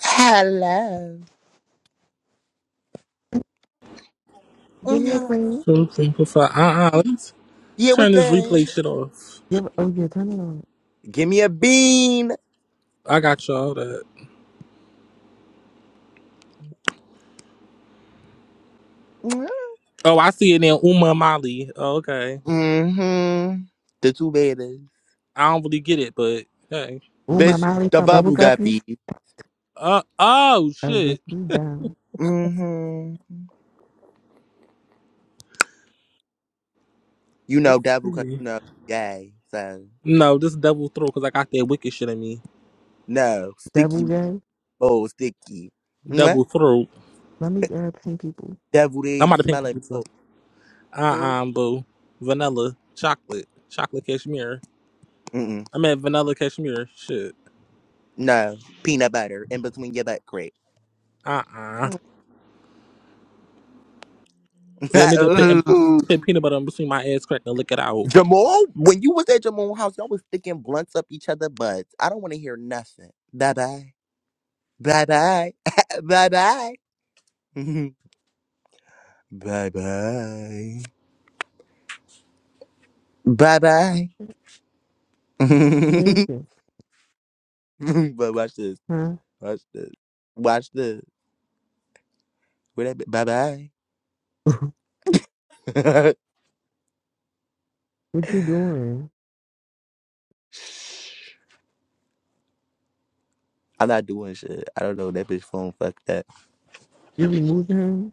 Hello. Give me a Mhm. green. So thankful for uh uh Let's Yeah, what's turn this good? replay shit off. Give oh yeah, turn it on. Give me a bean. I got y'all that. Oh, I see it in Uma Mali. Oh, okay. Mm-hmm. The two babies. I don't really get it, but hey. Oh my Bitch, Molly the from Bubble bubble Guppies. guppy. Uh oh Oh yes, shit. you down. Mm-hmm. You Let's know devil cause see. you know gay. So No, this double throat because I got that wicked shit in me. no. Double Sticky gay. bowl, sticky. Double Mwah. throat. Let me uh pin people. Deviled I'm egg about to paint smelling pizza. Uh bowl. uh boo. Vanilla chocolate. Chocolate cashmere. Mm-mm. I meant vanilla cashmere. Shit. No. Peanut butter in between your butt crack. Uh uh Yeah, nigga put, Ooh. put peanut butter in between my ass crack and lick it out. Jamal, when you was at Jamal's house, y'all was sticking blunts up each other butts. I don't want to hear nothing. Bye bye. Bye bye. bye bye. bye bye. Bye bye. Listen, but watch this. huh? Watch this. Watch this. Where that bye bye. what you doing? I'm not doing shit. I don't know. That bitch phone fucked up. You removing him?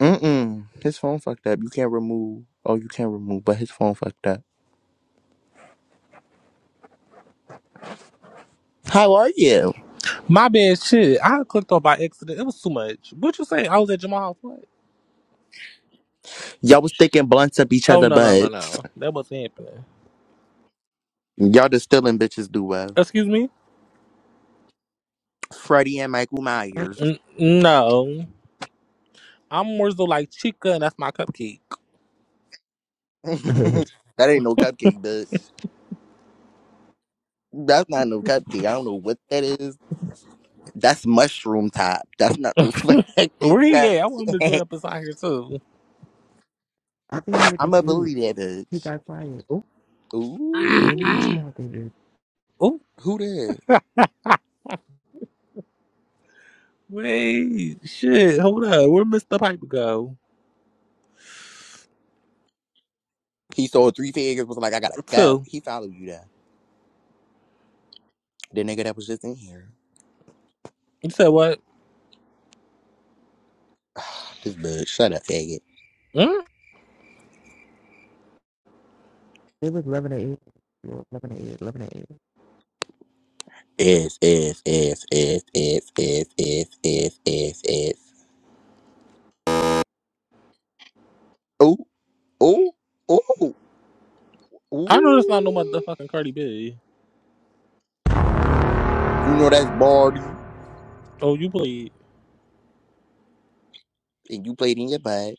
Mm-mm. His phone fucked up. You can't remove. Oh, you can't remove, but his phone fucked up. How are you? My bad shit. I clicked off by accident. It was too much. What you say? I was at Jamal's what? Y'all was sticking blunts up each Oh other no no no butts. no. That wasn't happening. Y'all just stealing bitches do well. Excuse me? Freddie and Michael Myers. N- no. I'm more so like Chica and that's my cupcake. that ain't no cupcake, bitch. That's not no cupcake. I don't know what that is. That's mushroom top. That's not no Where fucking he at? I want him to join cupcake. up inside here too. I think he was I'ma asleep. bully that He bitch. got quiet. oh Believe Ooh. this shit out there, dude. oh Who did? wait shit, hold up. Where Mr. Piper go? He sold three figures, was like, I gotta go. Two. He followed you there. The nigga that was just in here. You said what? this bitch, shut up, faggot. Hmm? It was eleven to eight. It was Eleven to eight. Eleven to eight. If, if, if, if, if, if, if, if, if, if. Ooh, ooh, ooh. I know that's not no Ooh. motherfucking Cardi B. You know that's Barty. Oh you played. And you played in your butt.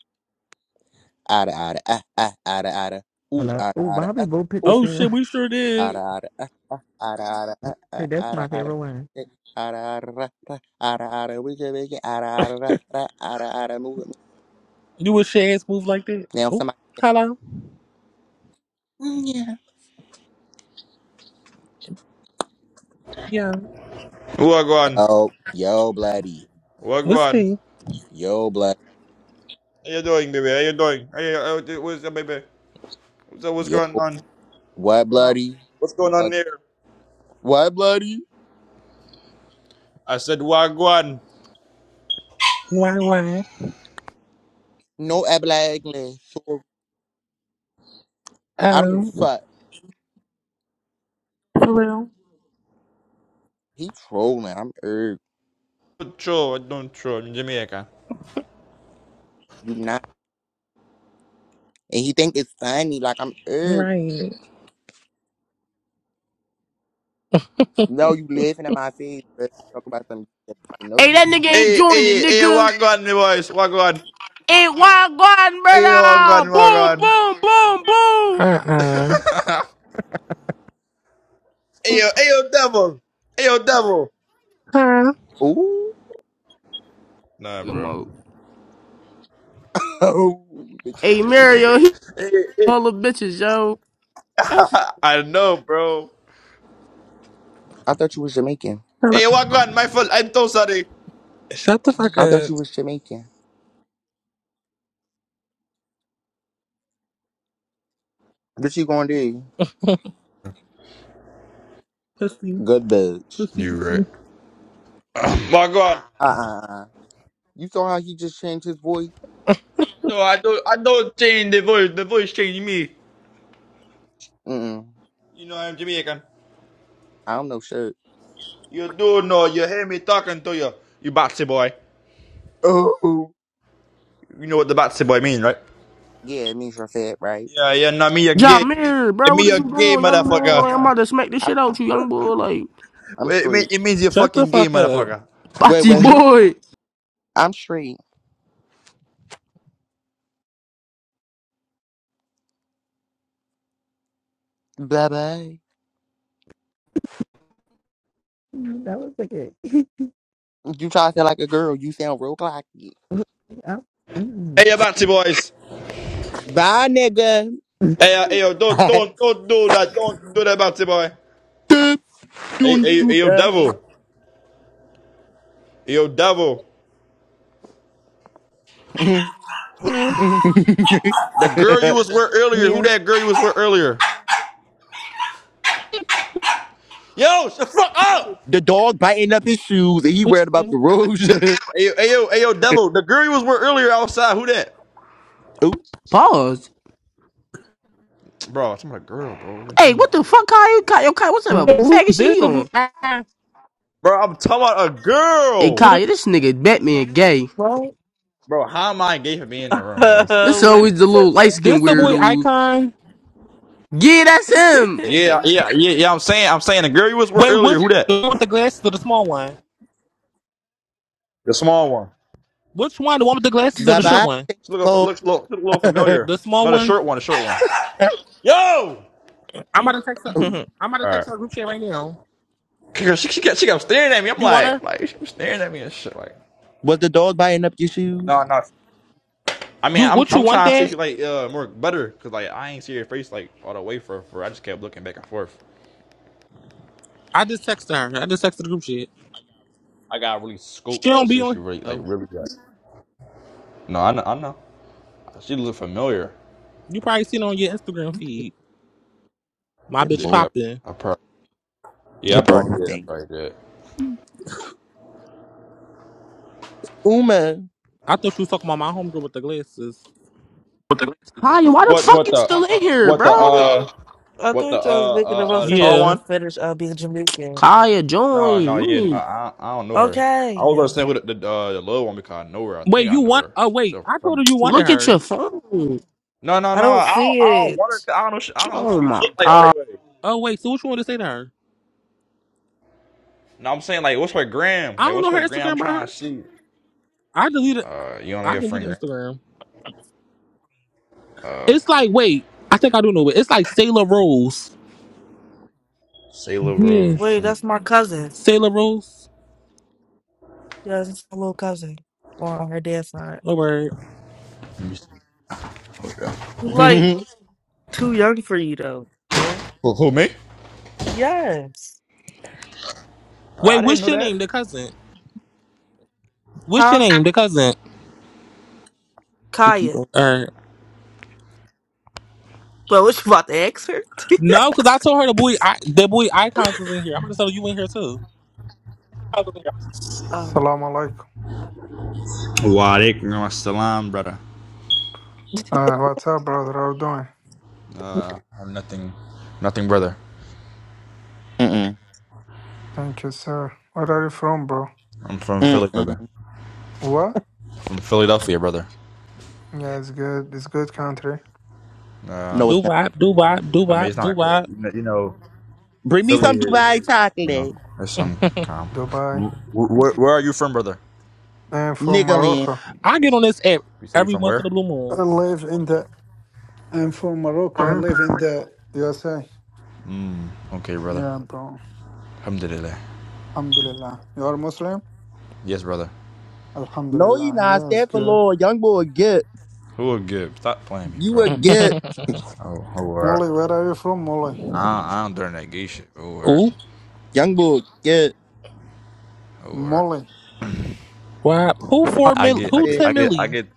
Ada, ada, ah, ah, ada, ada. Ooh, Hello. ada, Oh, ada, Bobby ah. both picked the Oh Ooh, same shit, one. we sure did. ada, ada, ah, ah, ada, ada, ah, That's ah, ada, my ada. favorite one. Eh, Ada, ada, ra, ra, ada, ada, we can make it. Ada, ada, ra, ra, ada, ada, move it. move it. You a shit ass move like that. Now Oh, somebody. hello. Mm, Yeah. Yeah. Wagwan. Yo, yo, bloody. What's will Wagwan. Yo, blood. How you doing, baby? How you doing? How you, how, what's up, baby? What's up, what's Yo, going on? what What's going on bloody? What's going on What, there? what bloody? I said Wagwan. Why, why? No, black Sorry. I don't give a Um, fuck. for real? He trolling. I'm irked. Don't throw, I don't throw in Jamaica. You not. And he think it's funny, like I'm er Right. No, you living in my face, but talk about some no Hey, you that nigga ain't Hey, joined it, hey, hey, nigga. Wagwan, me boys. Wagwan. Ain't wild garden, Hey, brother. Wagwan, Boom, Wagwan. boom, boom, boom. Uh-uh. Hey, yo, hey, yo, devil. Hey, yo, devil. Huh? Ooh. Nah, Come bro. on. oh bitch. Hey, whoa. Mario, he Hey, hey. all the bitches, yo. I know, bro. I thought you was Jamaican. Hello. Hey, Wagwan, my fault. I'm so sorry. Shut the fuck I thought up. you was Jamaican. What you gonna do? Pussy. Good bitch. Pussy. You right. pussy. Wagwan. Uh uh You saw how he just changed his voice? No, I don't, I don't change the voice. The voice changed me. Mm mm. You know I'm Jamaican. I don't know shit. You do know, you hear me talking to you, you batsy boy. Oh You know what the batsy boy mean, right? yeah, it means you're fat, right? Yeah, yeah, nah, me a gay. John Mario, It bro, what me is a you gay doing, young boy? motherfucker. Like, I'm about to smack this I, shit out you, young boy. Like, I'm It, mean, straight. it means you're Shut the fucking gay fuck up. motherfucker. Wait, Bocce wait, who? boy. I'm straight. Bye bye. Mhm, That was like it. You try to sound like a girl, you sound real cocky. I, mm, Hey, you batsy boys. Bye nigga. Hey, uh, hey, yo, don't, don't, don't do that. Don't do that, batsy boy. Hey, Don't hey, shoot hey, yo, her. devil. Hey, yo, devil. Hmm. The girl you was the with earlier, who Yeah. that girl you was with earlier? Yo, shut the fuck up! dog biting up his shoes and he Which, worried about this the roads. Hey, yo, hey, yo, hey, yo, devil. The girl you was with earlier outside, who that? oh, Pause. Bro, I'm talking about a girl, bro. What you talking Hey, about? what the fuck, Kyle? You- Kyle, yo, Kyle, what's up, uh, faggot shit he the boy, on? Bro, I'm talking about a Hey, girl. Hmm, Kyle, this nigga Batman gay. Right? Bro, how am I gay for being in the room, bro? This What? always the little light skin this the boy weirdo. icon? Yeah, that's him. Yeah, yeah, yeah, yeah. I'm saying, I'm saying the girl you was with Wait, earlier. which Who that? the one with the glasses or the small one? The small one. Which one? The one with the glasses or bye the short bye. one? She look, Bo. looks, look, look a little familiar. The small No, the one? short one, the short one. Yo. I'm about to text her. I'm about All to right. text her group chat right now. Girl, she, she kept, she kept staring at me. I'm You want her? like, like she was staring at me and shit. Like, Was the dog biting up your shoes? no, no. I mean, You I'm, what you I'm want trying to see if that? she like uh more better, cause like I ain't see her face like all the way for, for. I just kept looking back and forth. I just texted her. I just texted the group chat. I got really She scoped and don't see be if she on. really like No, really. good. No, I know, I know. She looked familiar. you probably seen it on your Instagram feed. My Yeah, bitch boy. Yeah, popping. I probably yeah, Yeah, I probably boy. did. I Thing. probably did. Uma. I thought you was talking about my homegirl with the glasses. Kyle, why the What fuck what you the still in here, what the bro? uh I what the thought y'all was uh making uh, them up uh the so y'all tall Yeah. could one? finish uh, being Jamaican. Kaya, No, no, join. You yeah, no, need- I I don't know her. I was gonna Okay. say with the the, uh, the little one because I know her. I Wait, think I you know want? her. Oh wait, So I told her somewhere. you wanted Look at her. your phone. No, no, I no. don't I don't, see I don't want her. it. 'cause I don't know. She, I don't know. If Oh she my look like other god. way. Oh wait, so what you want to say to her? No, I'm saying like, what's her gram? I Like, don't what's know her her gram? I'm Instagram by trying her. to see. I deleted. Uh, you don't know I your friend deleted gram? Instagram. Uh, It's like wait. I think I do know it. It's like Sailor Rose. Sailor Yeah. Rose. Wait, Let me, that's my cousin. Sailor Rose. Yeah, it's my little cousin. Or on her dad's side. No word. let me see. Okay. You like too young for you though, boy. Who, who me? Yes. Uh, Wait, I didn't what's know your name? that. The cousin. What's your Huh? name? The cousin. Sticky Kaya. boy. Or Well, what you about to ask her? no, because I told her the boy. I, the boy icons was in here. I'm gonna tell you in here too. Hallelujah. Um, Salaam alaikum. Walaikum assalam, brother. Uh, what's up, brother? How you doing? Uh, I'm nothing, nothing, brother. Mm-mm. Thank you, sir. Where are you from, bro? I'm from Philly, brother. Mm-mm. What? From Philadelphia, brother. Yeah, it's good. It's good country. No, Do Um, it's not. wop, do wop, do I mean, wop, it's do not, wop. you know, Bring me Philly some Dubai is, you know, chocolate. there's some calm. Dubai. Where, where, where are you from, brother? I'm from Nigga Morocco. I get on this app You say you're every from once in a where? blue I live in the. I'm from Morocco. I land. live in the USA. Mm, okay, brother. Yeah, bro. Alhamdulillah. Alhamdulillah. You are Muslim? Yes, brother. No, you Alhamdulillah. not. Yeah, it's Stand for good. Lord. Young boy, get. Who will give? Stop playing me, You moon. bro. a get. Oh, oh, word. Molly, where are you from, Molly? I don't, I don't during that gay shit. Oh, word. Ooh, Young boy, get. Oh, word. Molly. wop. Who four I mil? My get, I Who get, bad. ten I get, I milli? get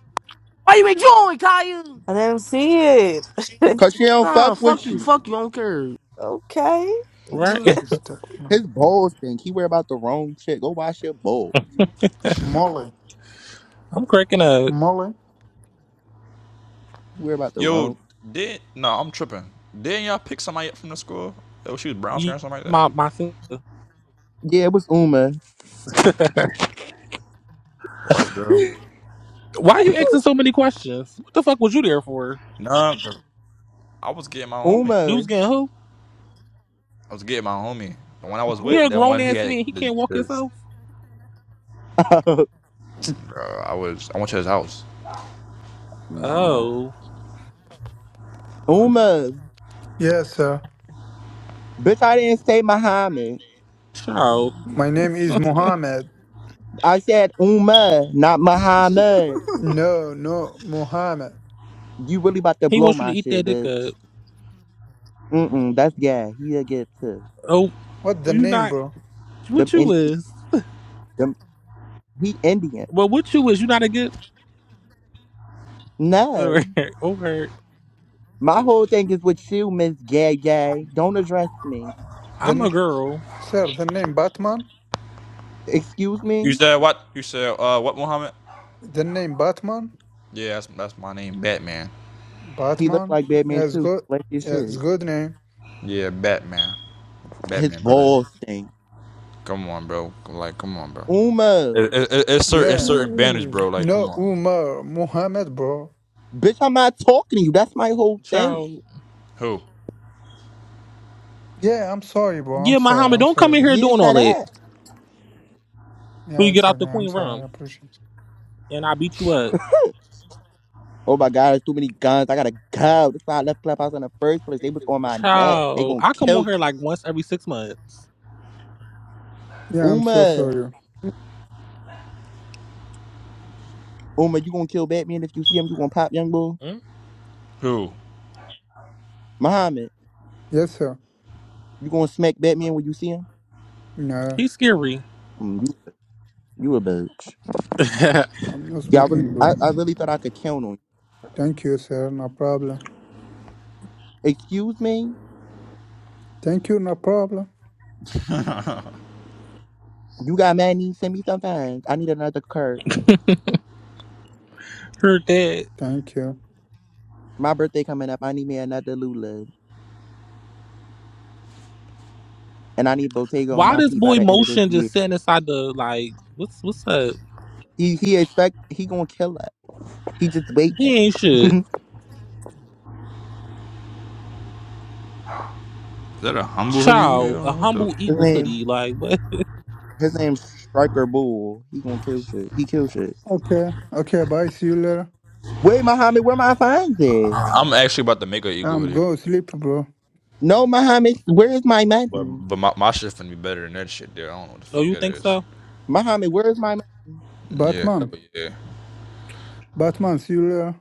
Why you make join, Kaya? I didn't see it. Cause she don't Nah, fuck fuck with you. you. Fuck you. I don't care. okay. Right? Where is that? His balls stink. He worry about the wrong shit. Go wash your balls. Molly. I'm cracking up. Molly. He worry about the wrong. Yo, did no, I'm tripping. Didn't y'all pick somebody up from the school? Oh, she was brown skin You- or something like that. My my. sin- Yeah, it was Uma. What, bro? Why you asking so many questions? What the fuck was you there for? No, I was getting my homie. You Uma. was getting who? I was getting my homie. The one I was You're with, a that grown one he ass had man. He the, can't walk the himself. bro, I was I went to his house. Mm. Oh, Uma. Yeah, sir. Bitch, I didn't say Muhammad. child. My name is Mohammed. I said Uma, not Muhammad. No, no, Muhammad. You really about to He blow wants you to my eat that shit, dick up. bitch. Mm-mm, that's gay. he a get too. Oh, What the you name, not? bro? What Them, you in, is? them, he Indian. Well, what you is? You not a good? Okay, No. all right. My whole thing is with you, Miss Gay Gay. Don't address me. The I'm a n- girl, sir, the name Batman. Excuse You me? said what? You said uh what Muhammad? The name Batman. Yeah, that's that's my name, Batman. He looked Batman. like Yeah, Batman it's too. good. Like this Yeah, it's shit. good name. Yeah, Batman, His Batman, brother. balls stink. Come on, bro. Like, come on, bro. Uma, It, it, it- it's certain it's Yeah. certain banners, mm. bro. Like, come No, on. Umar, Muhammad, bro. bitch, I'm not talking to you. That's my whole thing. child. Who? Yeah, I'm sorry, bro. I'm Yeah, sorry. Muhammad, I'm don't come sorry, in bro. here Yeah, doing all shut that. up. So Yeah, you get it's out okay. the I'm queen sorry. I room appreciate. it. and I beat you up. Oh my God, there's too many guns. I gotta go. That's why I left Clubhouse in the first place. They was on my neck. They Child, gonna I come kill on me. here like once every six months. Yeah, I'm so Uma, sorry. Uma, you gonna kill Batman if you see him? You gonna pop young boy? Mm, Who? Muhammad, Yes, sir. you gonna smack Batman when you see him? No, He's scary. Mm, you, you a bitch. Heard I'm not Yeah, I really, smoking, I, bro. I really thought I could count on you. Thank you, sir. No problem. Excuse me? Thank you. No problem. Is You got money? Send me some funds. I need another Kurt. that. Thank you. My birthday coming up. I need me another Lula. and I need Bottega on Why my this feet by boy the end of this motion year. just sitting inside the like what's what's up? He he expect he gonna kill that. He just waiting. He ain't shit. that a humble hoodie? you Child, a What the humble his Eagles name hoodie. Like what? his name's Striker Bull. He gonna kill shit. He kill shit. Okay. Okay. Bye. See you later. Wait, Muhammad, where my fines at? I'm actually about to make an eagle I'm hoodie, go sleep, bro. No, Muhammad, where is my but money? but my, my shit's going be better than that shit, dude. I don't know what the Oh, fuck you that think is. so? Muhammad, where is my mo- Yeah, hell Batman. yeah. Batman, see you later.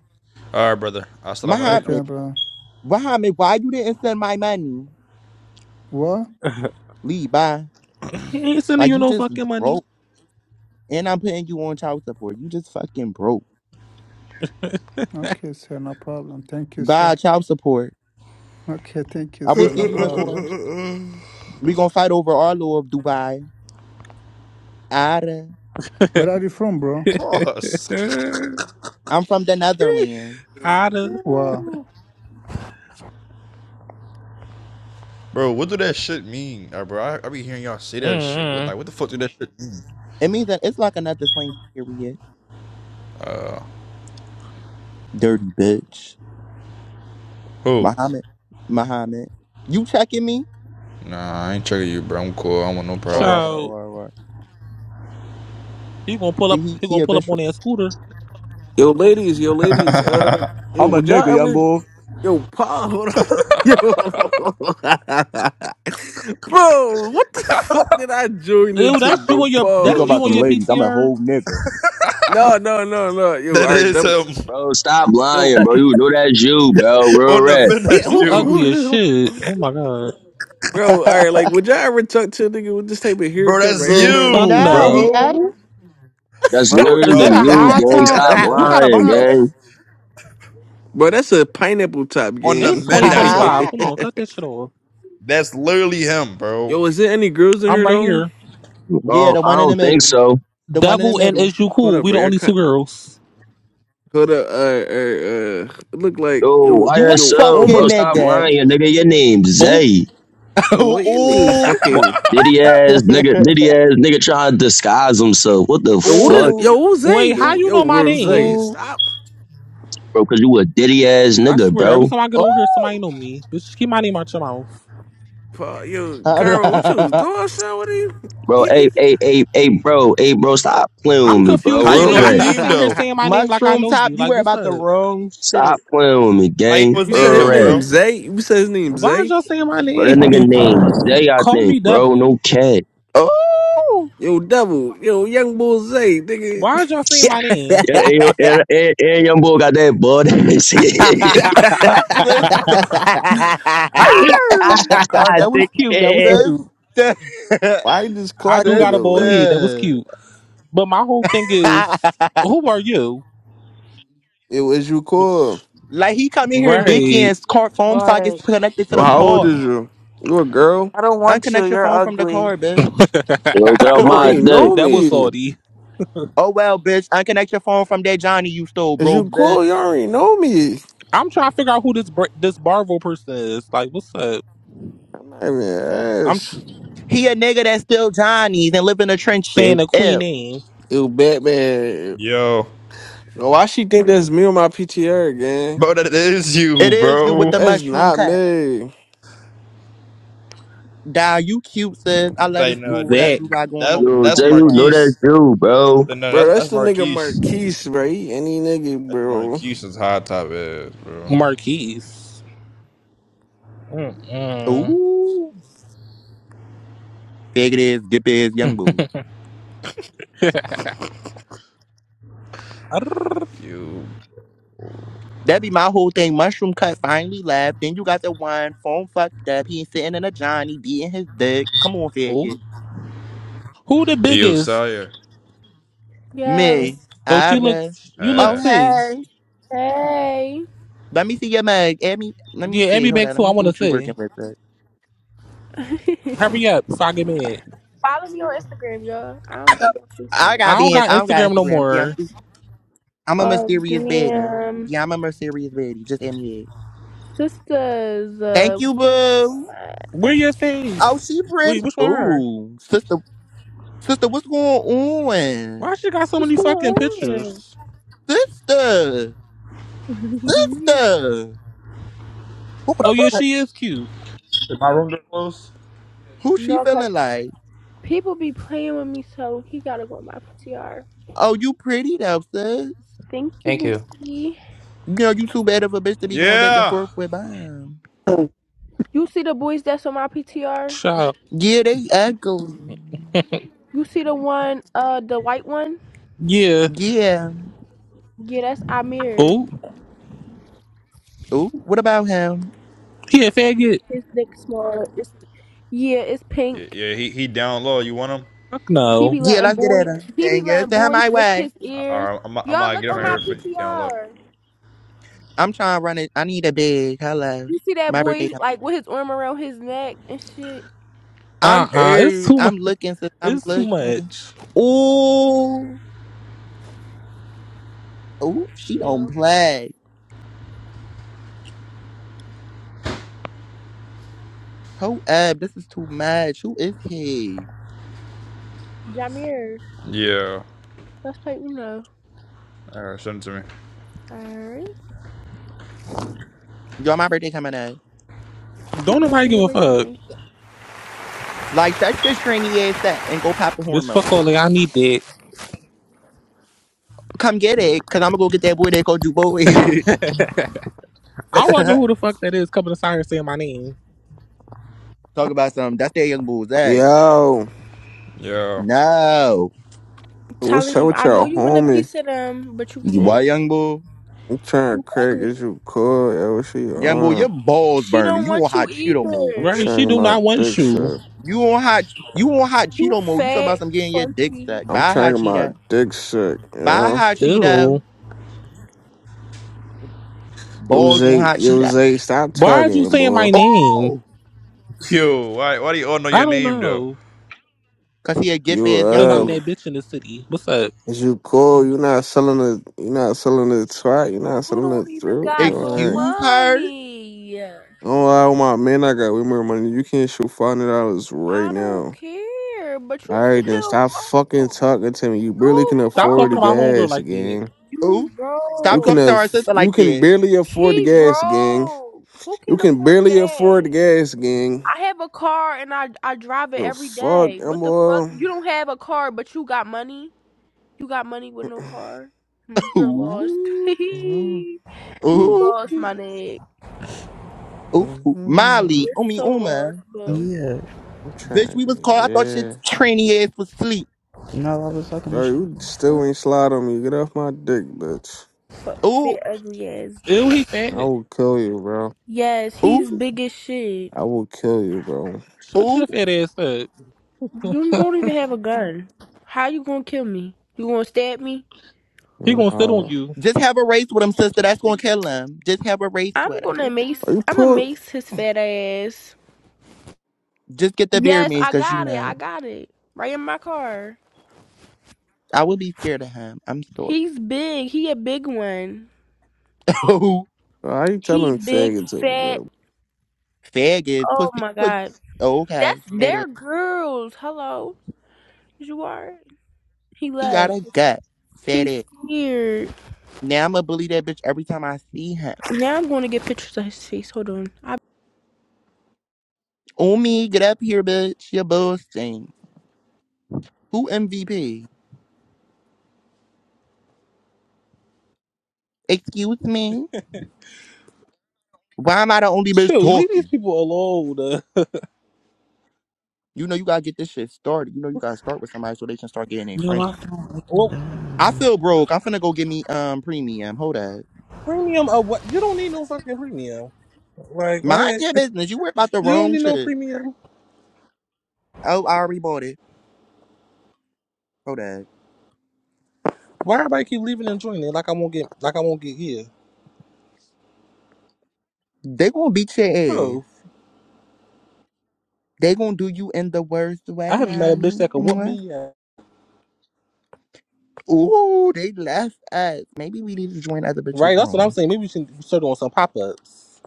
All right, brother. Assalamu alaikum. Okay, Muhammad? bro. Muhammad, why you didn't send my money? What? Lee, bye. He ain't sending Like you you no just fucking money. broke, and I'm putting you on child support. You just fucking broke. Okay, sir, no problem. Thank you, sir. Bye, child support. Okay, thank you, I will sir, see no you in problem. court. We gonna fight over our law of Dubai. Where are you from, bro? Pause. Outta. I'm from the Netherlands. Wow. bro, what do that shit mean, uh, bro? I, I be hearing y'all say that shit. What Mm-mm. like what the fuck do that shit mean? It means that it's like another slang for period. Dirty bitch. Who? Muhammad. Muhammad. You checking me? Nah, I ain't checking you, bro. I'm cool. I don't want no problem. Or Child, or or. he gonna pull See up he he he gonna a pull up bitch. on that scooter. Yo, ladies, yo, ladies. Uh, yo, I'm a would y'all nigga, young ever, boy. yo, pa, hold on, yo, bro, what the fuck did I join Ew, into, that's you bro? on your You talk that's you Pause, about on some your bro. ladies. I'm a PTR. whole nigga. No, no, no, no. Yo, That all right, is double, him Bro, stop yo, lying, bro. You know that's you, bro. Real on the red. minute. That's You you, ugly as shit. Oh my god, bro. All right, like, would y'all ever talk to a nigga with this type of bro. haircut right That's here, girl, though? fuck you, no, no. he ain't. bro. That's Bro, Is literally that a y'all, you, yo, high hey, gang. yo, top? Stop that's You him. got a lying, box? gang. bro, that's a pineapple top on the It's game. twenty men, yo, twenty that's him. five. Come on, cut that shit off. That's literally him, bro. is there any girls in I'm here right though? here. yeah, Oh, the I one in the don't think middle. so. The one in the Devil and middle. is you Hold cool? up, We bro. the only Y'all two girls. Hold up, uh, uh, uh, it look like Yo, yo, You a yo, YSO, bro. fucking Oma, Stop nigga. lying, nigga. Your name's Oh, Zay. boy, you need ooh. wha- fucking Diddy Ooh. ass nigga. Diddy ass nigga trying to disguise himself. What the yo, what, fuck, is- Ooh. yo, who's that? wait, how Yo, you yo, know my name? Rose, Ooh. stop, bro? Cause you a diddy ass I nigga, swear, every bro. time I get Ooh. on here, somebody know me. Bitch, keep my name out your mouth. Pa- yo, Carl, what you Hello. was doing, son? What are you? Bro, hey, hey, hey, hey, bro, hey, bro. Stop playing I'm with me, bro. confused. How Who you Real know is his you? red. You name sitting here though? saying my name like I Mushroom know top, you. you Like, wear what's about the up? wrong shit. Stop playing with me, How you know gang. his you Real name said his though, red. name bro? Zay. You said his name Why is Zay. y'all saying my Bro, that name? nigga named Zay, I Call think, me bro. Devil. No cat. Ooh! Yo, double, yo, young bull Zay, nigga. Why did y'all saying my name? Yeah, hey, yo, and, and, and young boy got that butt ass. ah, Sister. all right, that was Dick cute. That was ass. cute. Sister. Why I just I clock do you got a though? bald Like head. That was Sister. cute. But my whole thing is, who are you? it was you call. Bitch. Like he come in here Hmm. dicky and Right. his car phone Right. sockets connected to the How old car. is you? You a girl? I don't want you. Unconnect your You're phone from the ugly. car, bitch. Yo, get off You my already oh dick. know that was me. salty. well, bitch. Unconnect your phone from that Johnny you stole, Is broke you cool? You bitch. already know me. I'm trying to figure out who this Bra- this Barvel person is. Like, what's up? I'm not even I'm tr- ass. He a nigga that steal Johnnies and live in the saying trenches. the queen Ew. name. You Batman. Yo, Yo, Why she think that's me on my PTR, gang? bro, that is It you, is you bro. with the It's That's mushroom not cut. me. Di, you cute, sis. I let like us do no, whatever that Zach you got going on with that the Yo, that's Jay, Tony you cat. know that's Marquise. you, bro. But no, Bro, that's that's that's the nigga Marquise. Marquise, bro. He any nigga, That's bro. Marquise's high top ass, bro. Marquise. Mm-mm. Ooh. Fake it is, dip it is, young boo. Arrrr. You, That be my whole thing. Mushroom cut finally left. Then you got the one phone fucked up. He sitting in a Johnny beating his dick. Come on, fake Oh, it. who the yo, biggest? Sawyer. Yo, Me. Oh, she looked. Ara. You Oh look Uh, T. hey. hey, Let me see your mug. Add me let me Yeah, see. Abby Hold back on. Let too. I me see want to what you see. working with. sis. Hurry up so I get mad. follow me on Instagram, y'all. I don't got my face on I it. I got don't beans. got I don't got Instagram no Instagram. See, I'm more. too- I'm a Oh, mysterious baddie. damn. Yeah, I'm a mysterious baddie. Just add me that. Sisters, uh, Thank what's you, going boo. on? Where your Oh, face? she pretty. Wait, which one? Her? Ooh, sister, sister, what's going Why on, she got so What's many going fucking on? pictures? sister, sister? Who Oh the yeah, fuck? she is cute. is my room door closed? Who she no, because feeling like? people be playing with me, so he gotta go on my PTR. Oh, you pretty though, sis. Thank you, Thank you. Bookie. You know you too bad of a bitch to be going back and Yeah. forth with mom. Oh, You see the boys that's on my PTR? Shut up. Yeah, they ugly. You see the one, uh, the white one? Yeah. Yeah. Yeah, that's Amir. Oh Ooh, what about him? yeah, faggot. His dick smaller. It's, yeah, it's Yeah, pink. yeah. He he down low. You want him? Fuck He no. be Yeah, letting let's get at boys. her. He be Dang it, letting send him boys my lick way. his All ears. right, I'm I'm Y'all gonna get look him on out my here for you. He down low. PTR. I'm trying to run it. I need a big hello. You see that My boy birthday. coming. like with his arm around his neck and shit. Uh I'm uh It's er, too much. I'm looking, sis. I'm It's too looking. much. Ooh. Oh, she don't Yeah, play. Who up? This is too much. Who is he? Jameer. Yeah. Let's play Uno. All right, send it to me. Alright. Y'all, my birthday coming up. What you Don't doing nobody for give your a fuck. birthday? Like, shut your trainy ass up and go pop a Bitch, hormone. fuck all that. I need that. Come get it, cause I'm gonna go get that boy that called you boy. I wonder who the fuck that is coming to sign saying my name. Talk about something. That's that young bull's hey. Yo, Yeah. No. what's up Talim, with I know y'all you want a homie? piece of them, but you You can't. Oh, what, young bull? I'm trying to You crack. ugly. Is you cool? Yo, what she Young bull, your on? balls She burning. don't You want want you hot Cheeto move. I'm Right? either. trying She to get do my not want dick you. suck. You want hot you want hot You Cheeto move. You talking about fat, some getting your dick funky. sucked. I'm Bye trying hot to get my Cheeto. dick Bye suck. hot Cheeto. Ew. Yo, Balls want Zay, hot yo, Cheeto. Zay, stop Why are you talking, saying boy. my name? Oh! yo, why why do you all know I your don't name though? know. Cause he a get You, ass Cause young uh, I'm bull. that bitch in the city. What's up? is you cool? You not selling the, you not selling the twat? You not You selling the don't even through? You know, got all no right. Excuse her? money. Don't lie with my man. I got way more money. You can't shoot five hundred dollars right I don't now. care, but you All right, then still stop fucking broke. talking to me. You barely You can Stop afford talking the to my broke. homegirl gas, like that. gang. You Ooh. You Stop can broke. talking to her af- sister you like can that. barely afford the He gas, gang. broke. Who You can can afford barely afford gas? the gas, gang. I have a car and I I drive it The every fuck, day. I'm What the fuck? You don't have a car, but you got money. You got money with no car. Hmm, you're lost. Ooh. you Ooh. lost, my nigga. Ooh. all. Molly. You're Umi so Uma. lost, bro. yeah. I'm Bitch, trying we to, was get called. I thought shit yeah. tranny ass was sleep. No, I was talking to Yo, shit. you still Fuck, ain't slide on me. Get off my dick, bitch. fuck, Ooh. that ugly ass Ew, bitch. he I fat. will kill you, bro. Yes, he's Ooh. big as shit. I will kill you, bro. Shut your Ooh. fat ass up. You don't even have a gun. How you gonna kill me? You gonna stab me? He gonna sit on Nah. you. Just have a race with him, sister. That's gonna kill him. Just have a race I'm with him. gonna mace. Are you I'm gonna put? mace his fat ass. Just get the beer Yes, means I cause you got it. I know. got it. Right in my car. I would be scared of him. I'm sorry. He's big. He a big one. Ooh. Are you He telling big faggots over, fat. there? Faggot. Oh Pussy my was god. okay. That's Said their it. girls. Hello, you are. He He got left. a gut. Said He's it. scared. Now I'ma bully that bitch every time I see him. Now I'm gonna get pictures of his face. Hold on. I- Oh me, get up here, bitch. You're boasting. Who MVP? Excuse me? Why am I the only bitch Shoot, leave these talking? people alone. uh. You know you gotta get this shit started. You know you gotta start with somebody so they can start getting their Yo, friends. I don't fucking well, I down. feel broke. I'm finna go get me um premium. Hold up. premium of what? You don't need no fucking premium. Like what? Mind your business. You worry about the You don't wrong need no shit. premium. Oh, I already bought it. Hold up. Why everybody keep leaving and joining? Like I won't get. Like I won't get here. They gonna beat your ass. Bro, They gonna do you in the worst I way, haven't met a bitch mommy. that could whoop Mwah. me. yet. Ooh, they left us. Maybe we need to join other Right. bitches' That's what I'm room. saying. Maybe we should start doing some pop ups.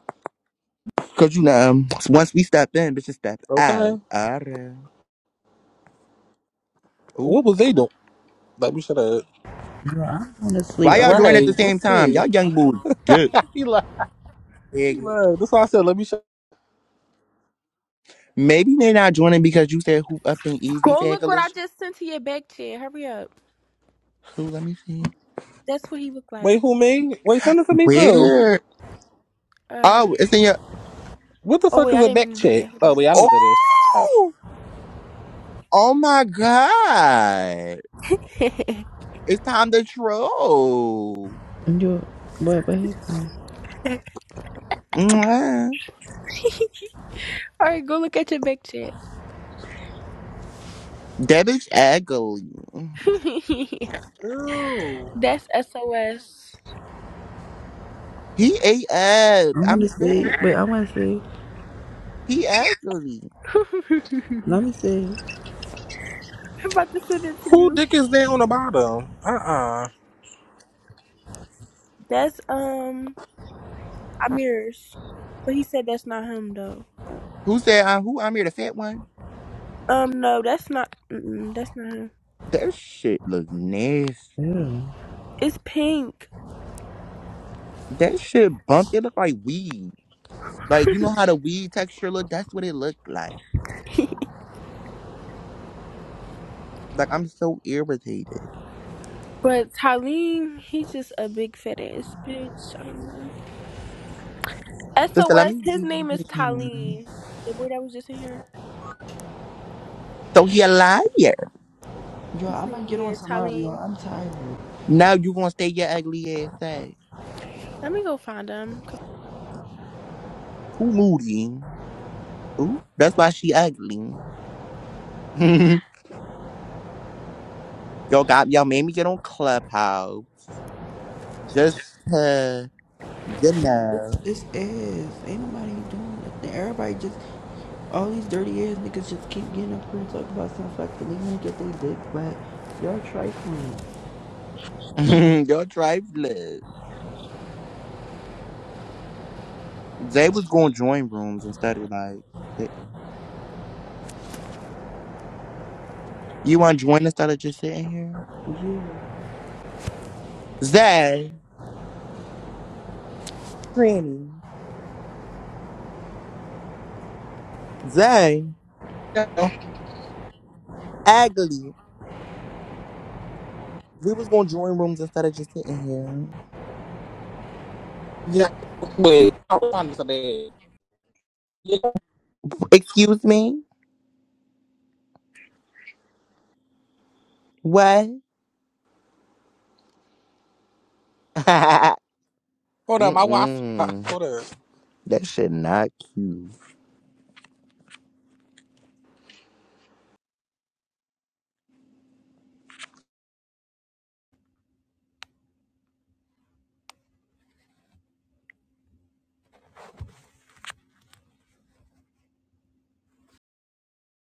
Cause you know, um, once we step in, bitches step out. Okay. Alright. Ooh. What was they doing? Like we should have. Yo, I want to sleep. Why y'all join at I'm Right. the same Let's time? see. Y'all young boys good. he like. Wiggle. Look, that's why I said, let me show. Maybe they not joining because you said who up and Go easy fan look what I just sent to your back chat. Hurry up. Who? Let me see. That's what he looked like. Wait, who me? Wait, send it to me too. Where? All right. Oh, it's in your. What the Oh fuck wait, is I a didn't mean back to do check? that. Oh wait, Hold I know what that is. Oh, oh my god! up. It's time to troll. yo, what, what happened? Mwah. All right, go look at your back chat. That bitch ugly. Ew. That's SOS. He ate up. I want to I'm. stay. er, Wait, I want to stay. He ugly. I'm Let me stay. about to send it to Who you. dick is there on the bottom? Uh uh That's um Amir's, but he said that's not him though. Who said? Uh, who? I'm here. The fat one. Um, no, that's not. Mm-mm, that's not him. That shit look nasty. Yeah. It's pink. That shit bump. It look like weed. Like you know how the weed texture look. That's what it looked like. Like I'm so irritated. But Talim, he's just a big fat ass bitch. I don't know. Sister, let SOS. His name is me. Talim. The boy that was just in here. So he a liar. Yo, His I name, might get on yeah, tomorrow. Yo, Talim. I'm tired. Now you gonna stay your ugly ass ass. Let me go find him. Who moody? Ooh, that's why she ugly. Yo, got y'all made me get on Clubhouse just to you It's, know it's ass. Ain't nobody doing nothing. Everybody just, all these dirty ass niggas just keep getting up here and talking about some fucking. They want to get their dick wet. Y'all trifling. y'all drive live. They was going to join rooms instead of like. You want to join us instead of just sitting here? Yeah. Zay, Tranny, Zay, Yeah. Agley. We was gonna join rooms instead of just sitting here. yeah. Wait, I'll find this today. Yeah. Excuse me? What? Hold up, my wife. Mm-mm. Hold up. That shit not cute.